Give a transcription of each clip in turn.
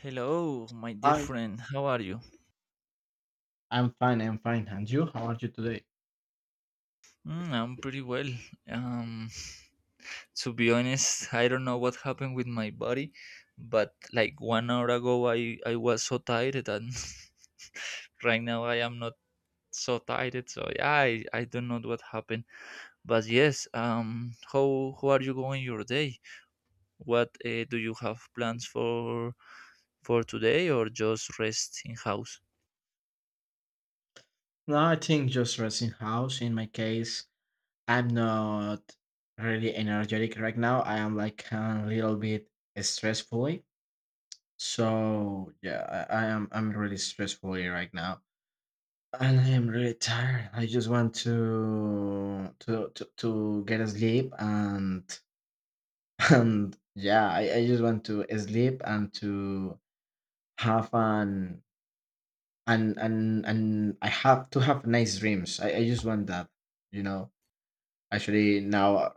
Hello, my dear Hi, friend. How are you? I'm fine, I'm fine. And you, how are you today? I'm pretty well. Um, to be honest, I don't know what happened with my body, but like 1 hour ago, I was so tired, and right now I am not so tired. So yeah, I don't know what happened. But yes, how are you going your day? What do you have plans for today, or just rest in house? No, I think just resting house. In my case, I'm not really energetic right now. I am like a little bit stressfully. So yeah, I'm really stressfully right now. And I am really tired. I just want to get asleep and and yeah, I just want to sleep and to have an and I have to have nice dreams. I just want that, you know. Actually, now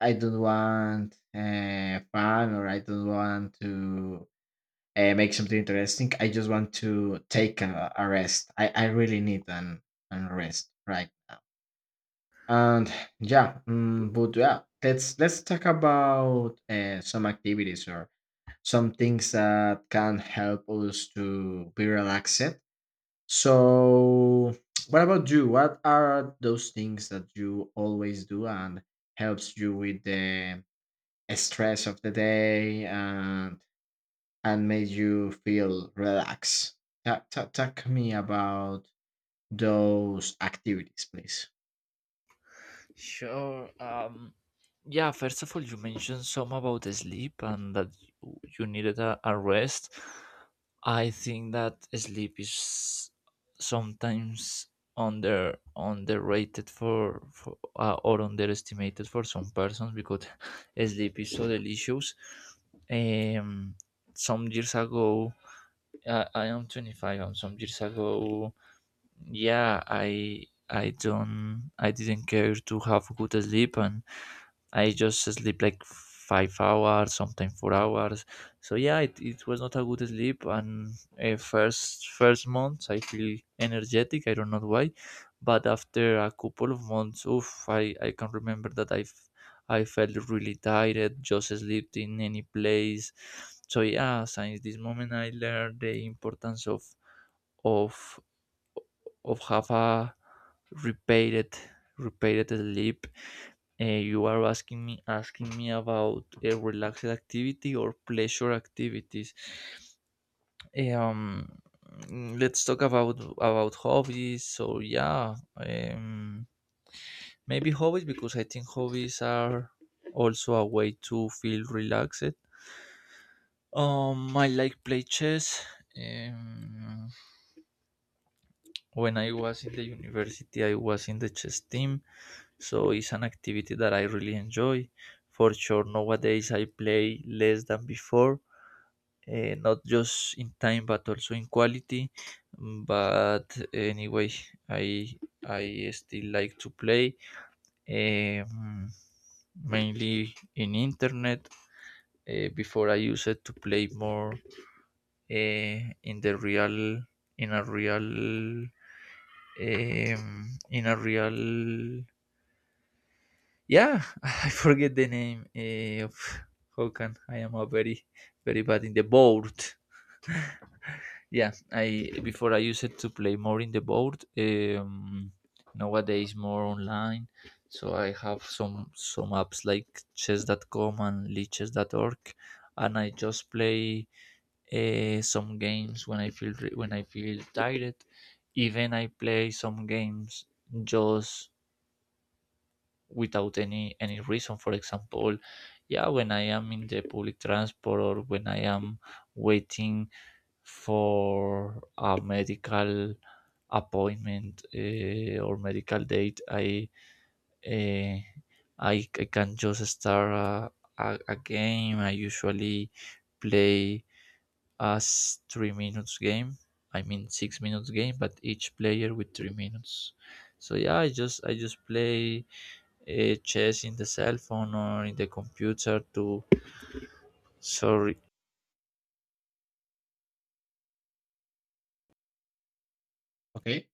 I don't want fun, or I don't want to make something interesting. I just want to take a rest. I really need an rest right now. And yeah, but yeah, let's talk about some activities or some things that can help us to be relaxed. So what about you? What are those things that you always do and helps you with the stress of the day, and made you feel relaxed? Talk me about those activities, please. Sure. Yeah, first of all, you mentioned some about sleep and that you needed a rest. I think that sleep is sometimes underrated for or underestimated for some persons, because sleep is so delicious. Um, some years ago, I am 25, and some years ago, yeah, I didn't care to have good sleep, and I just sleep like 5 hours, sometimes 4 hours. So yeah, it was not a good sleep, and first months I feel energetic. I don't know why, but after a couple of months, oof, I can remember that I felt really tired, just slept in any place. So yeah, since this moment, I learned the importance of of have a repeated repeated sleep. You are asking me about a relaxed activity or pleasure activities. Eh, um let's talk about hobbies. So yeah, maybe hobbies, because I think hobbies are also a way to feel relaxed. I like play chess. um when I was in the university, I was in the chess team. So it's an activity that I really enjoy. For sure, nowadays I play less than before, not just in time but also in quality. But anyway, I I still like to play, um, mainly in internet. Before I use it to play more, in the real, in a real, in a real, yeah, I forget the name of Hokan. I am a very, very bad in the board. Yeah, I before I used it to play more in the board. Nowadays more online, so I have some apps like chess.com and leeches.org, and I just play some games when when I feel tired. Even I play some games, just without any reason. For example, yeah, when I am in the public transport, or when I am waiting for a medical appointment, or medical date, uh, I can just start a game. I usually play 3 minutes game. I mean 6 minutes game, but each player with 3 minutes. So yeah, I just play chess in the cell phone or in the computer to, sorry, Okay.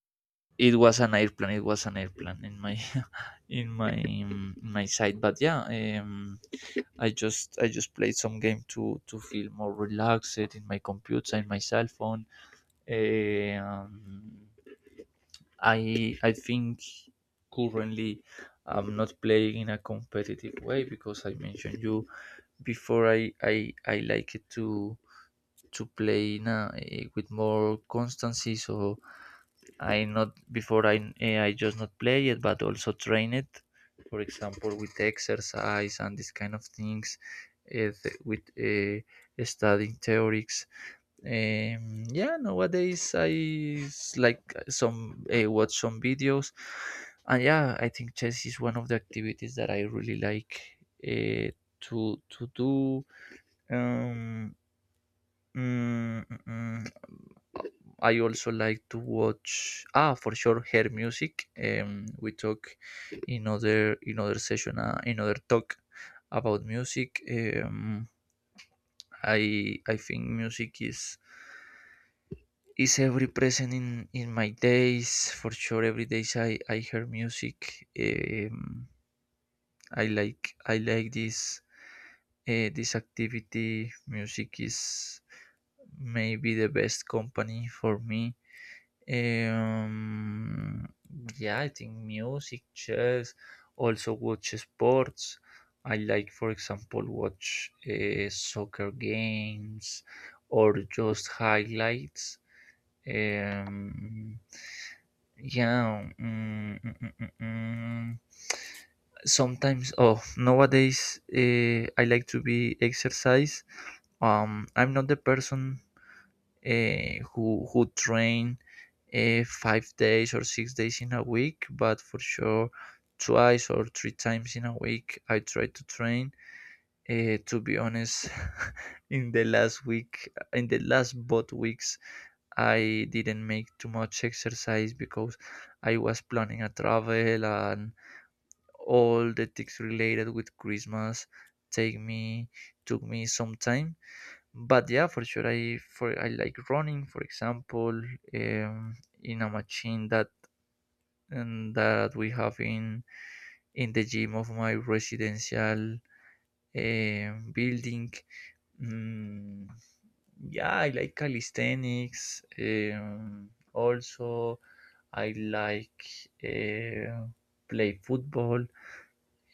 it was an airplane in my in my side. But yeah, um I just played some game to feel more relaxed in my computer, in my cell phone. um, I think currently I'm not playing in a competitive way, because I mentioned you before I like it to play in with more constancy. So I not before I eh, I just not play it, but also train it. For example, with exercise and this kind of things, with studying theories. Yeah, nowadays like some, watch some videos, and yeah, I think chess is one of the activities that I really like, eh, to do. Um, mm, mm, mm. I also like to watch, ah, for sure, her music. We talk in other session, in other talk about music. I think music is every present in my days, for sure. Every days I hear music. I like this, this activity. Music is maybe the best company for me. Um, yeah, I think music, chess, also watch sports. I like, for example, watch soccer games or just highlights. Um, yeah, mm, mm, mm, mm, mm. Sometimes. Oh, nowadays, I like to be exercise. I'm not the person who train 5 days or 6 days in a week, but for sure twice or three times in a week I try to train. To be honest, in the last both weeks, I didn't make too much exercise, because I was planning a travel, and all the things related with Christmas take me took me some time. But yeah, for sure, I like running, for example, um, in a machine that, that we have in the gym of my residential, building. Mm, yeah, I like calisthenics. Also, I like play football.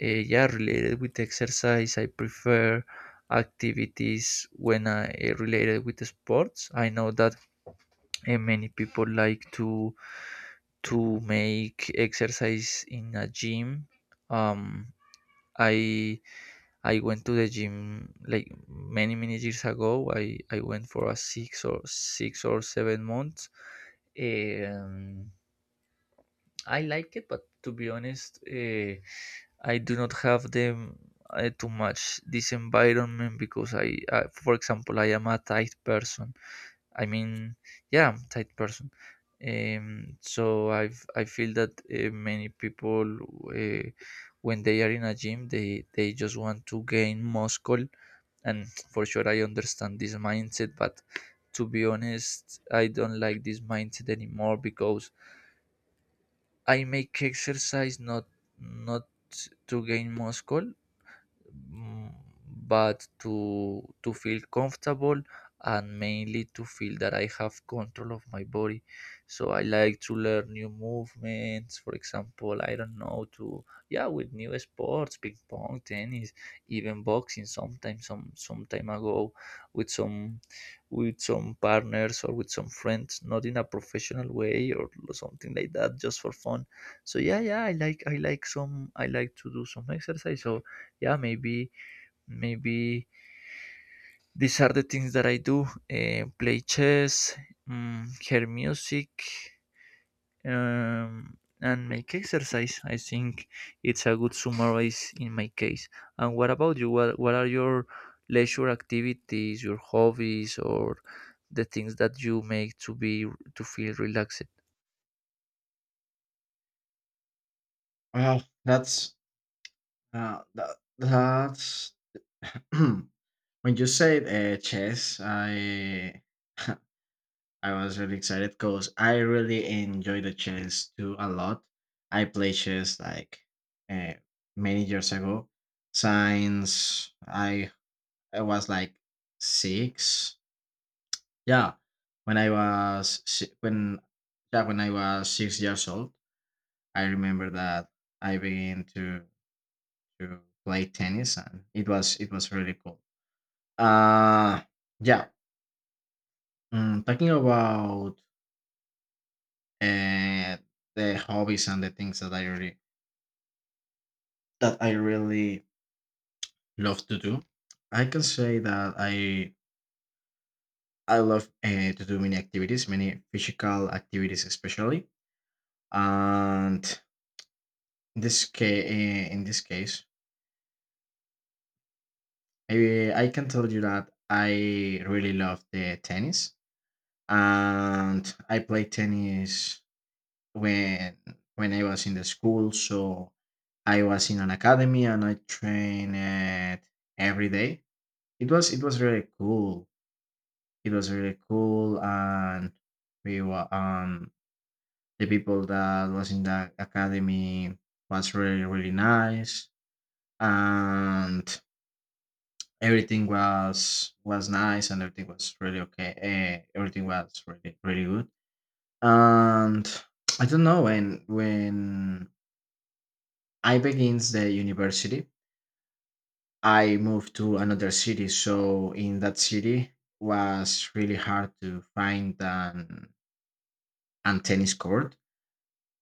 Yeah, related with exercise, I prefer activities when related with sports. I know that many people like to make exercise in a gym. Um, I I went to the gym like many years ago. I went for a six or seven months. Um, I like it, but to be honest, I do not have them too much this environment, because for example, I am a tight person. I mean, yeah, I'm a tight person. So I feel that many people, uh, when they are in a gym, they just want to gain muscle, and for sure I understand this mindset, but to be honest, I don't like this mindset anymore, because I make exercise not not to gain muscle, mm, but to feel comfortable, and mainly to feel that I have control of my body. So I like to learn new movements. For example, I don't know, to, yeah, with new sports, ping pong, tennis, even boxing. Sometimes, some time ago, with some, partners, or with some friends, not in a professional way or something like that, just for fun. So yeah, I like to do some exercise. So yeah, maybe these are the things that I do: play chess, hear music, and make exercise. I think it's a good summarize in my case. And what about you? What are your leisure activities, your hobbies, or the things that you make to be, to feel relaxed? Well, uh, that, that's when you said chess. I I was really excited because I really enjoy the chess too a lot. I play chess like uh, many years ago. Since I was like 6, yeah, when I was si- when yeah when I was 6 years old, I remember that I began to play tennis, and it was really cool. Uh yeah. Talking about uh, the hobbies and the things that I really love to do. I can say that I love to do many activities, many physical activities especially. And in this case, maybe I can tell you that I really love the tennis, and I played tennis when when I was in the school. So I was in an academy and I trained every day. It was really cool. It was really cool, and we were the people that was in the academy was really really nice, and everything was nice, and everything was really okay. Eh, everything was really really good. And I don't know, when I begins the university, I moved to another city. So in that city was really hard to find an and tennis court.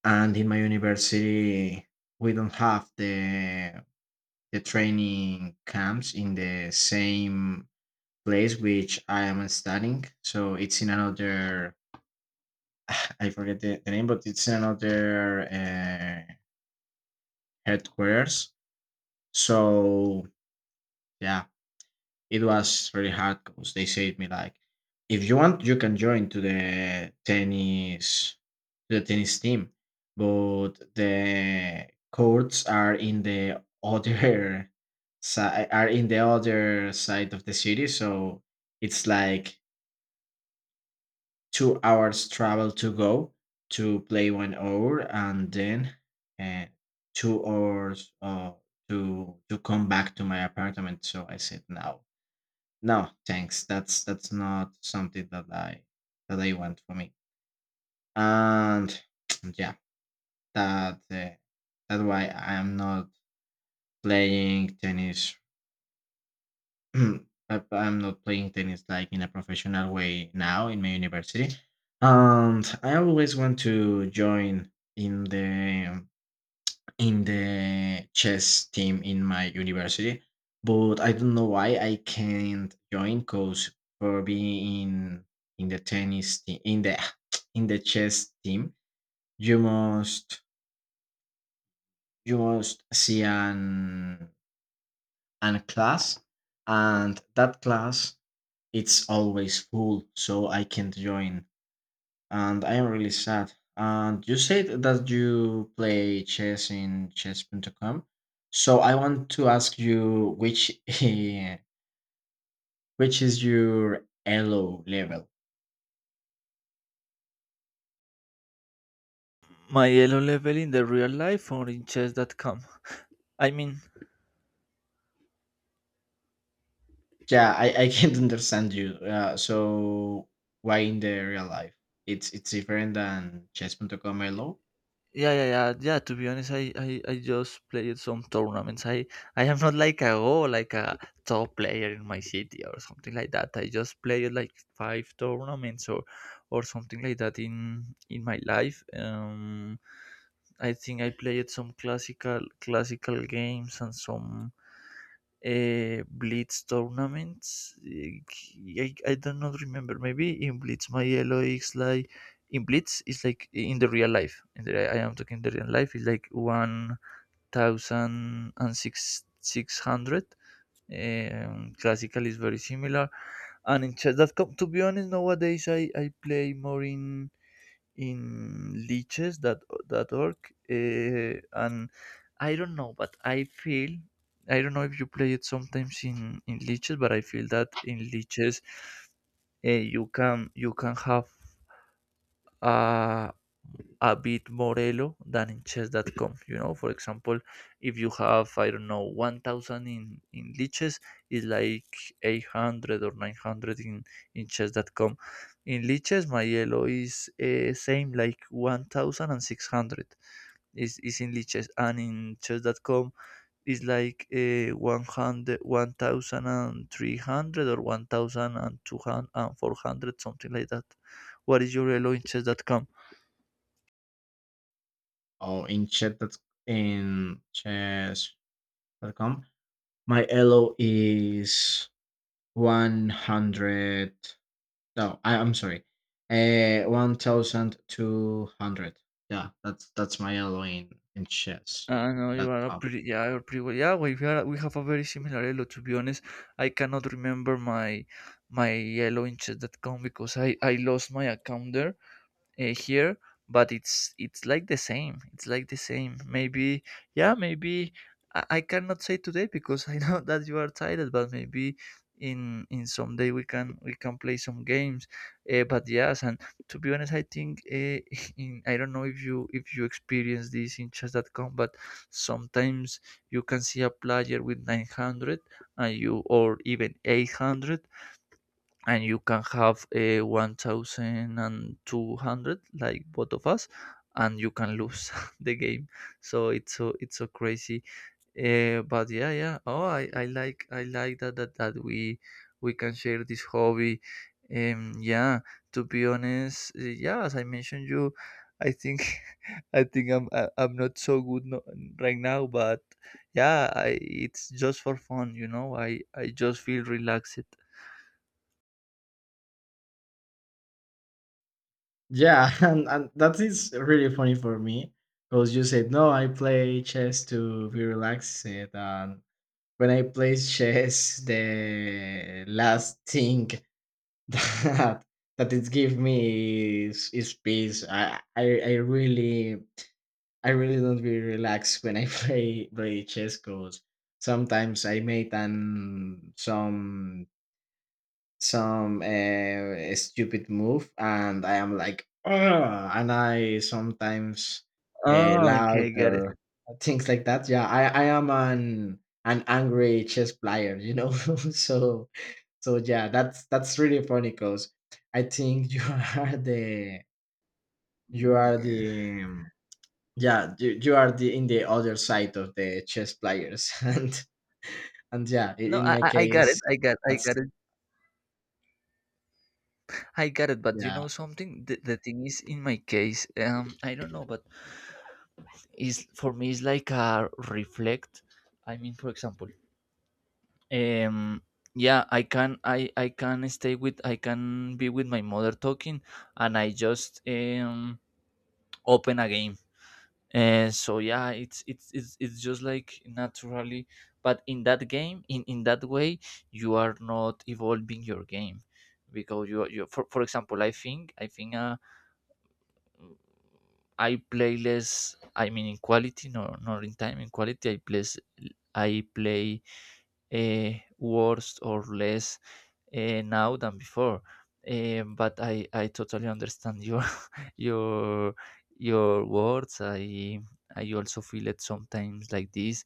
And in my university, we don't have the training camps in the same place which I am studying. So it's in another. I forget the name, but it's in another headquarters. So yeah, it was really hard because they said me like, if you want, you can join to the tennis team, but the courts are in the other side, are in the other side of the city, so it's like 2 hours travel to go to play 1 hour, and then uh, 2 hours to come back to my apartment. So I said, no, no, thanks. That's not something that I want for me. And yeah, that uh, that's why I'm not playing tennis. I'm not playing tennis like in a professional way now in my university. And I always want to join in the in the chess team in my university, but I don't know why I can't join, because for being in the tennis team in the in the chess team, you must you must see an class, and that class it's always full, so I can't join, and I am really sad. And you said that you play chess in chess.com. So I want to ask you which which is your elo level? My elo level in the real life, or in chess.com? I mean. Yeah, I can't understand you. So why in the real life? It's different than chess.com elo, Yeah, To be honest, I just played some tournaments. I am not like a go like a top player in my city or something like that. I just played like five tournaments, or something like that, in my life. I think I played some classical games, and some Blitz tournaments. I don't not remember. Maybe in Blitz my elo is like, in Blitz is like in the real life. I am talking the real life is like one thousand and six hundred. Classical is very similar, and chess.com. To be honest, nowadays I play more in leeches that that org, and I don't know, but I feel I don't know if you play it sometimes in leeches. But I feel that in leeches, you can have, uh, a bit more elo than in chess.com. You know, for example, if you have, I don't know, 1000 in leeches, it's like 800 or 900 in chess.com. In leeches, my elo is, same like 1600, is in leeches, and in chess.com is like 1300 or 1200 and 400, something like that. What is your elo in chess.com? or in chess that in chess.com. My elo is 100. No, I'm sorry. 1,200. Yeah, that's my elo in chess. No, you That's are a fun. pretty, you're pretty well. Yeah, we have a very similar yellow. To be honest, I cannot remember my yellow in chess.com, because I lost my account there, here. But it's like the same, maybe. Yeah, maybe, I cannot say today, because I know that you are tired. But maybe in some day we can play some games. But yes, and to be honest, I think, in I don't know if you experience this in chess.com. But sometimes you can see a player with 900, and you, or even 800, and you can have a 1200, like both of us, and you can lose the game. So it's, so crazy. But yeah, yeah. Oh, I like that that we can share this hobby. Yeah. To be honest, yeah. As I mentioned, you, I think I'm I'm not so good, no, right now. But yeah, I it's just for fun. I just feel relaxed. Yeah, and that is really funny for me because you said, no, I play chess to be relaxed. And when I play chess, the last thing that that it give me is peace. I really don't be relaxed when I play chess, because sometimes I made an some stupid move, and I am like, "Ugh," and I sometimes Oh, loud okay, got it. or things like that. Yeah, I am an angry chess player. so so yeah, that's really funny because I think you are the you are Yeah. the yeah, you are the in the other side of the chess players, and yeah, i- No, in I, my I I got it. case, I got I got that's it. I got it. But you yeah, know something? The thing is, in my case, I don't know, but is for me, it's like a reflect. I mean, for example, um, yeah, I can stay with I can be with my mother talking, and I just open a game, and so yeah, it's just like naturally. But in that game, in that way, you are not evolving your game, because you, are- you for example, I think I play less. I mean, in quality, no, not in time, in quality. I play i play uh, worse or less now than before. But I totally understand your your your words. I also feel it sometimes like this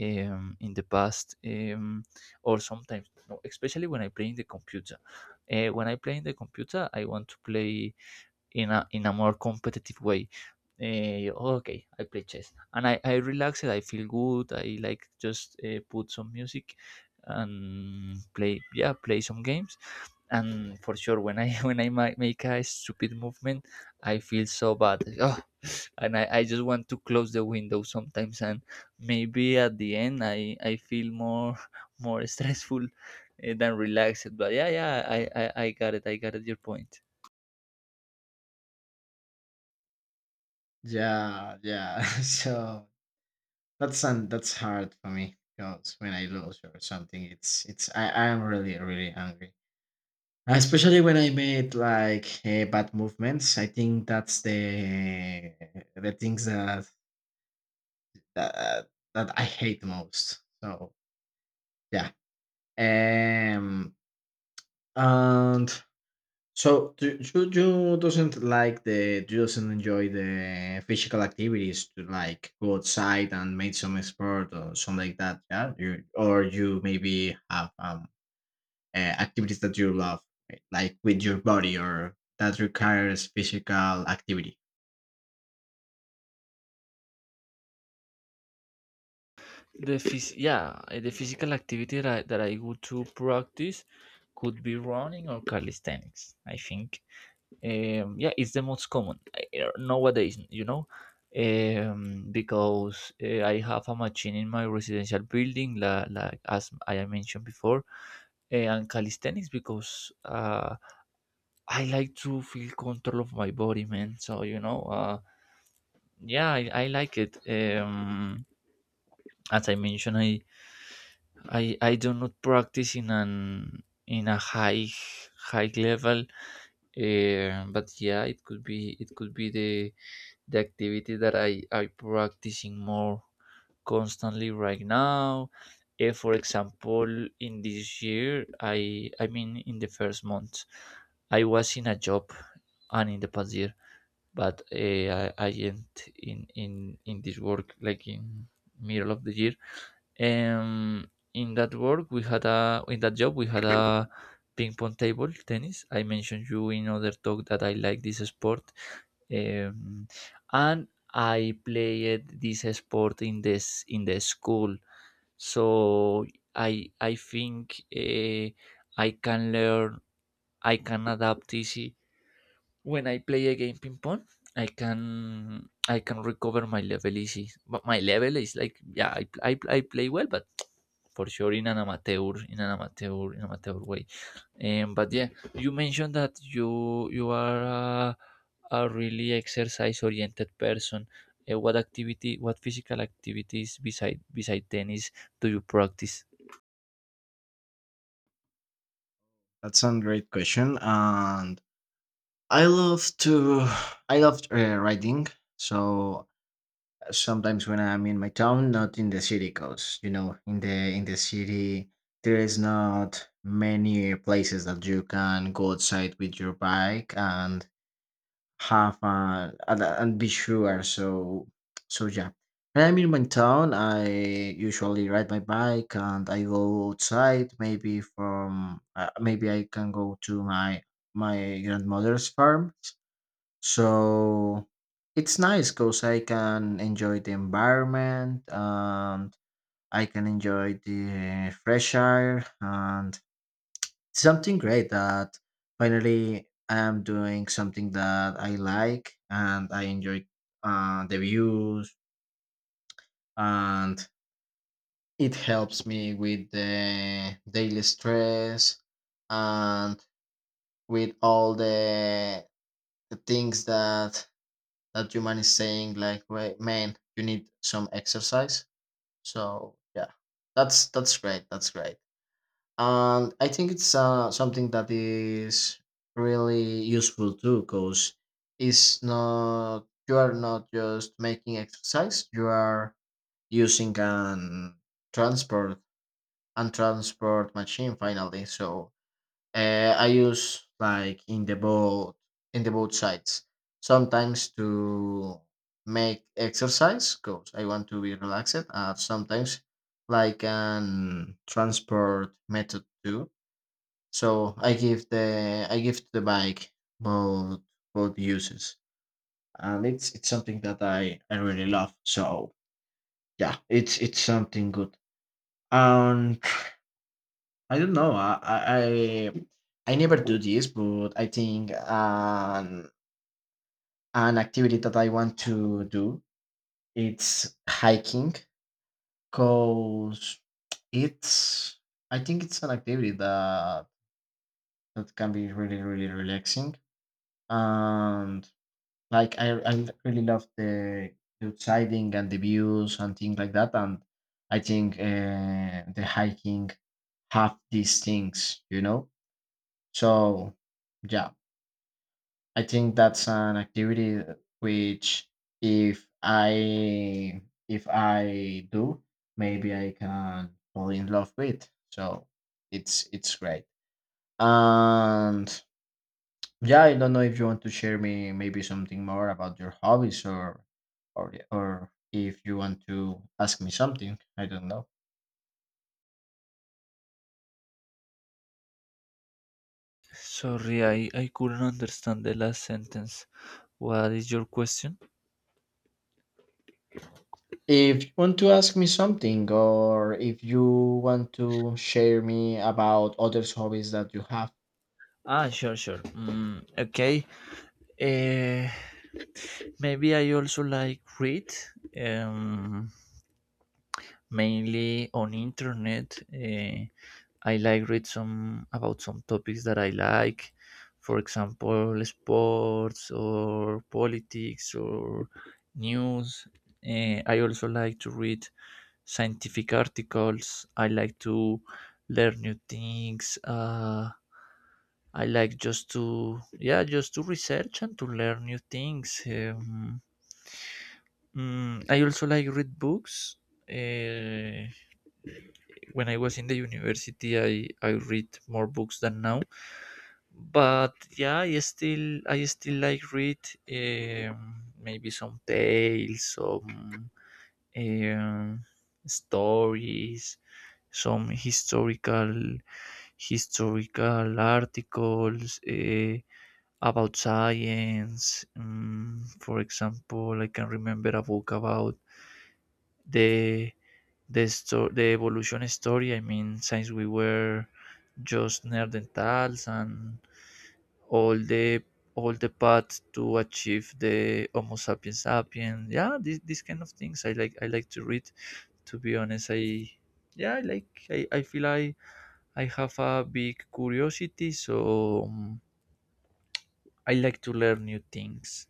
in the past, or sometimes no, especially when I play in the computer. When I play in the computer, I want to play in a more competitive way. Okay, I play chess and I relax it. I feel good. I like just put some music and play, yeah, play some games. And for sure, when I when I make a stupid movement, I feel so bad. Oh, and I just want to close the window sometimes. And maybe at the end, I feel more more stressful than relaxed. But yeah, yeah, I got it. I got it. Your point. yeah, yeah. So that's hard for me, because when I lose or something, it's I am really really angry. Especially when I made like bad movements, I think that's the things that that I hate most. So yeah, um, and so do you doesn't like the, you doesn't enjoy the physical activities to like go outside and make some sport or something like that, yeah? You or you maybe have activities that you love, right? Like with your body or that requires physical activity. Yeah, the physical activity that that I go to practice could be running or calisthenics, I think. Yeah, it's the most common nowadays, you know. Because I have a machine in my residential building, like, as I mentioned before. And calisthenics, because I like to feel control of my body, man. So you know, yeah, I like it. As I mentioned, I do not practice in an in a high level, but yeah, it could be the activity that I practicing more constantly right now. For example, in this year, I mean in the first month, I was in a job, and in the past year, but I end in, in this work, like in middle of the year. In that job, we had a ping pong table tennis. I mentioned you in other talk that I like this sport, um, and I played this sport in this in the school. So I think I can learn. I can adapt easy. When I play a game ping pong, I can recover my level easy. But my level is like, yeah, I play well, but for sure in an amateur way. But yeah, you mentioned that you are a really exercise oriented person. What activity, what physical activities beside tennis do you practice? That's a great question, and I love to I love writing. So sometimes when I'm in my town, not in the city, cause in the city there is not many places that you can go outside with your bike and have and be sure. So so yeah. When I'm in my town, I usually ride my bike and I go outside. Maybe I can go to my grandmother's farm. So it's nice, because I can enjoy the environment, and I can enjoy the fresh air, and it's something great, that finally I am doing something that I like, and I enjoy the views, and it helps me with the daily stress and with all the things that your man is saying, like, "Wait, man, you need some exercise." So yeah, that's great that's great. And I think it's something that is really useful too, because it's not, you are not just making exercise, you are using an transport and transport machine finally. So I use like in the boat, in the both sides. Sometimes to make exercise because I want to be relaxed, and sometimes like an transport method too. So I give the bike both both uses, and it's something that I really love. So yeah, it's something good. And I don't know. I never do this, but I think an activity that I want to do, it's hiking, because it's I think it's an activity that can be really really relaxing. And like I really love the outsiding and the views and things like that, and I think the hiking have these things. So yeah, I think that's an activity which, if I if I do, maybe I can fall in love with. So it's great. And yeah, I don't know if you want to share me maybe something more about your hobbies, or if you want to ask me something. I don't know. Sorry, I couldn't understand the last sentence. What is your question? If you want to ask me something, or if you want to share me about other hobbies that you have. Ah, sure, sure. Mm, okay. Uh, Maybe I also like read. Um, Mainly on internet. I like read some about some topics that I like, for example, sports or politics or news. I also like to read scientific articles. I like to learn new things. I like just to, yeah, just to research and to learn new things. Mm, I also like read books. Uh, when I was in the university, I read more books than now. But yeah, I still like read, maybe some tales, some um, stories, some historical articles about science. For example, I can remember a book about the the evolution story. I mean, since we were just neanderthals and all the all the path to achieve the Homo sapiens sapiens. Yeah, this these kind of things I like. I like to read. To be honest, I, yeah, I like. I feel I have a big curiosity, so I like to learn new things.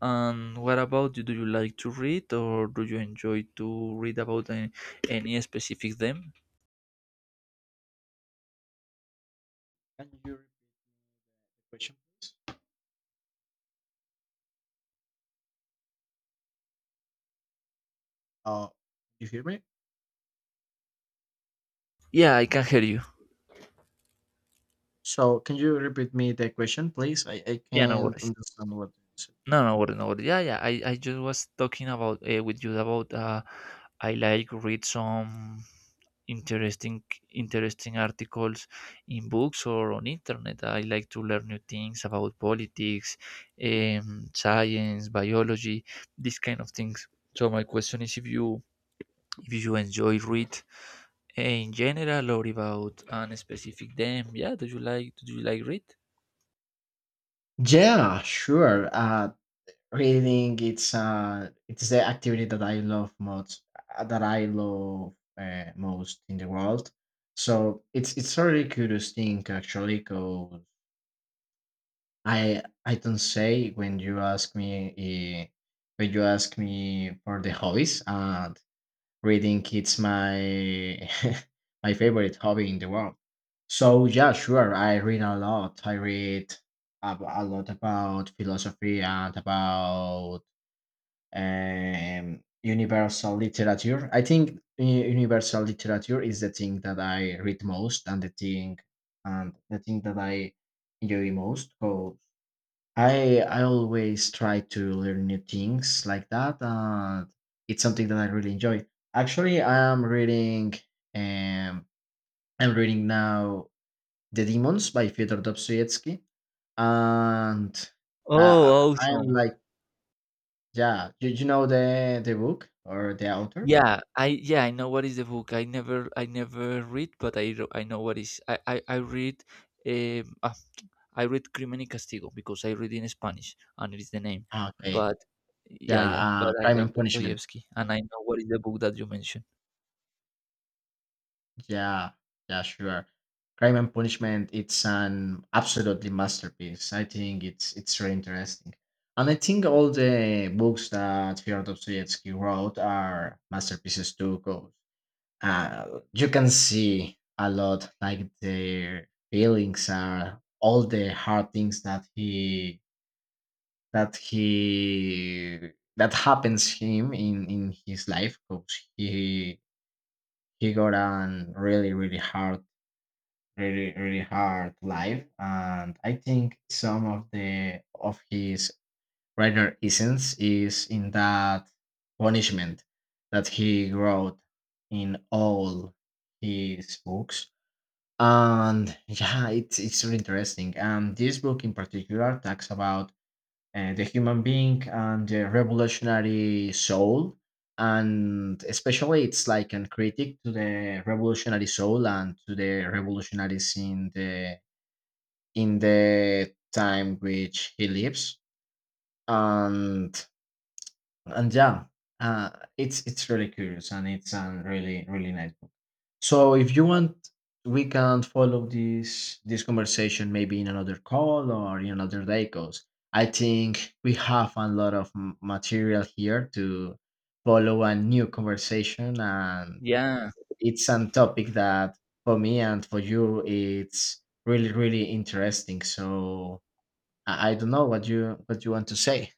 And what about you? Do you like to read, or do you enjoy to read about any specific them? Can you repeat question, please? Uh, you hear me? Yeah, I can hear you. So can you repeat me the question, please? I Yeah, no can't worries. understand what you said. No, no worries, no worries. Yeah, yeah. I just was talking about with you about I like read some interesting interesting articles in books or on internet. I like to learn new things about politics, science, biology, these kind of things. So my question is if you, if you enjoy read in general or about an specific them. Yeah, do you like, do you like read? Yeah, sure. Reading, it's the activity that I love uh, that I love most in the world. So it's a really curious thing, actually, because I don't say when you ask me uh, when you ask me for the hobbies. Reading it's my my favorite hobby in the world. So yeah, sure, I read a lot. I read a lot about philosophy and about universal literature. I think universal literature is the thing that I read most, and the thing that I enjoy most. I always try to learn new things like that, and it's something that I really enjoy. Actually, um I'm reading now The Demons by Fyodor Dostoevsky, and I Oh, I I am awesome. like, yeah, you know the book or the author? Yeah, I know what is the book. I never read, but I I know what is. I read um ah, I read Crimen y Castigo because I read in Spanish and it is the name. Ah, okay, But yeah, yeah, yeah, but I Crime like and Punishment. Dostoevsky and I know what is the book that you mentioned. Yeah, yeah, sure. Crime and Punishment, it's an absolutely masterpiece. I think it's very interesting. And I think all the books that Fyodor Dostoevsky wrote are masterpieces too, 'cause, you can see a lot, like, their feelings are all the hard things that he that happens him in his life, because he got an really really hard life and I think some of his writer essence is in that punishment that he wrote in all his books. And yeah, it's really interesting, and this book in particular talks about the human being and the revolutionary soul, and especially it's like a critic to the revolutionary soul and to the revolutionaries in the time which he lives. And and yeah, uh, it's really curious, and it's a really really nice book. So if you want, we can follow this conversation maybe in another call or in another day, because I think we have a lot of material here to follow a new conversation, and Yeah. it's a topic that for me and for you it's really really interesting. So I don't know what you want to say.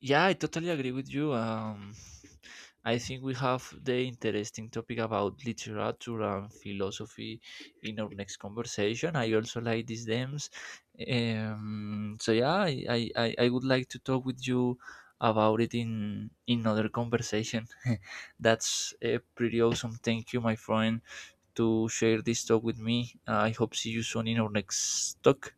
Yeah, I totally agree with you. I think we have the interesting topic about literature and philosophy in our next conversation. I also like these themes. So yeah, I would like to talk with you about it in other conversation. That's pretty awesome. Thank you, my friend, to share this talk with me. I hope see you soon in our next talk.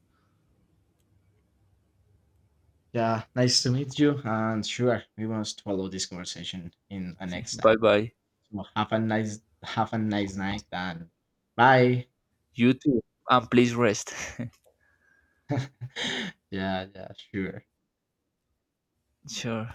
Yeah, nice to meet you. And sure, we must follow this conversation in a next Bye time. bye. So have a nice night and bye. You too, and please rest. Yeah, yeah, sure. Sure.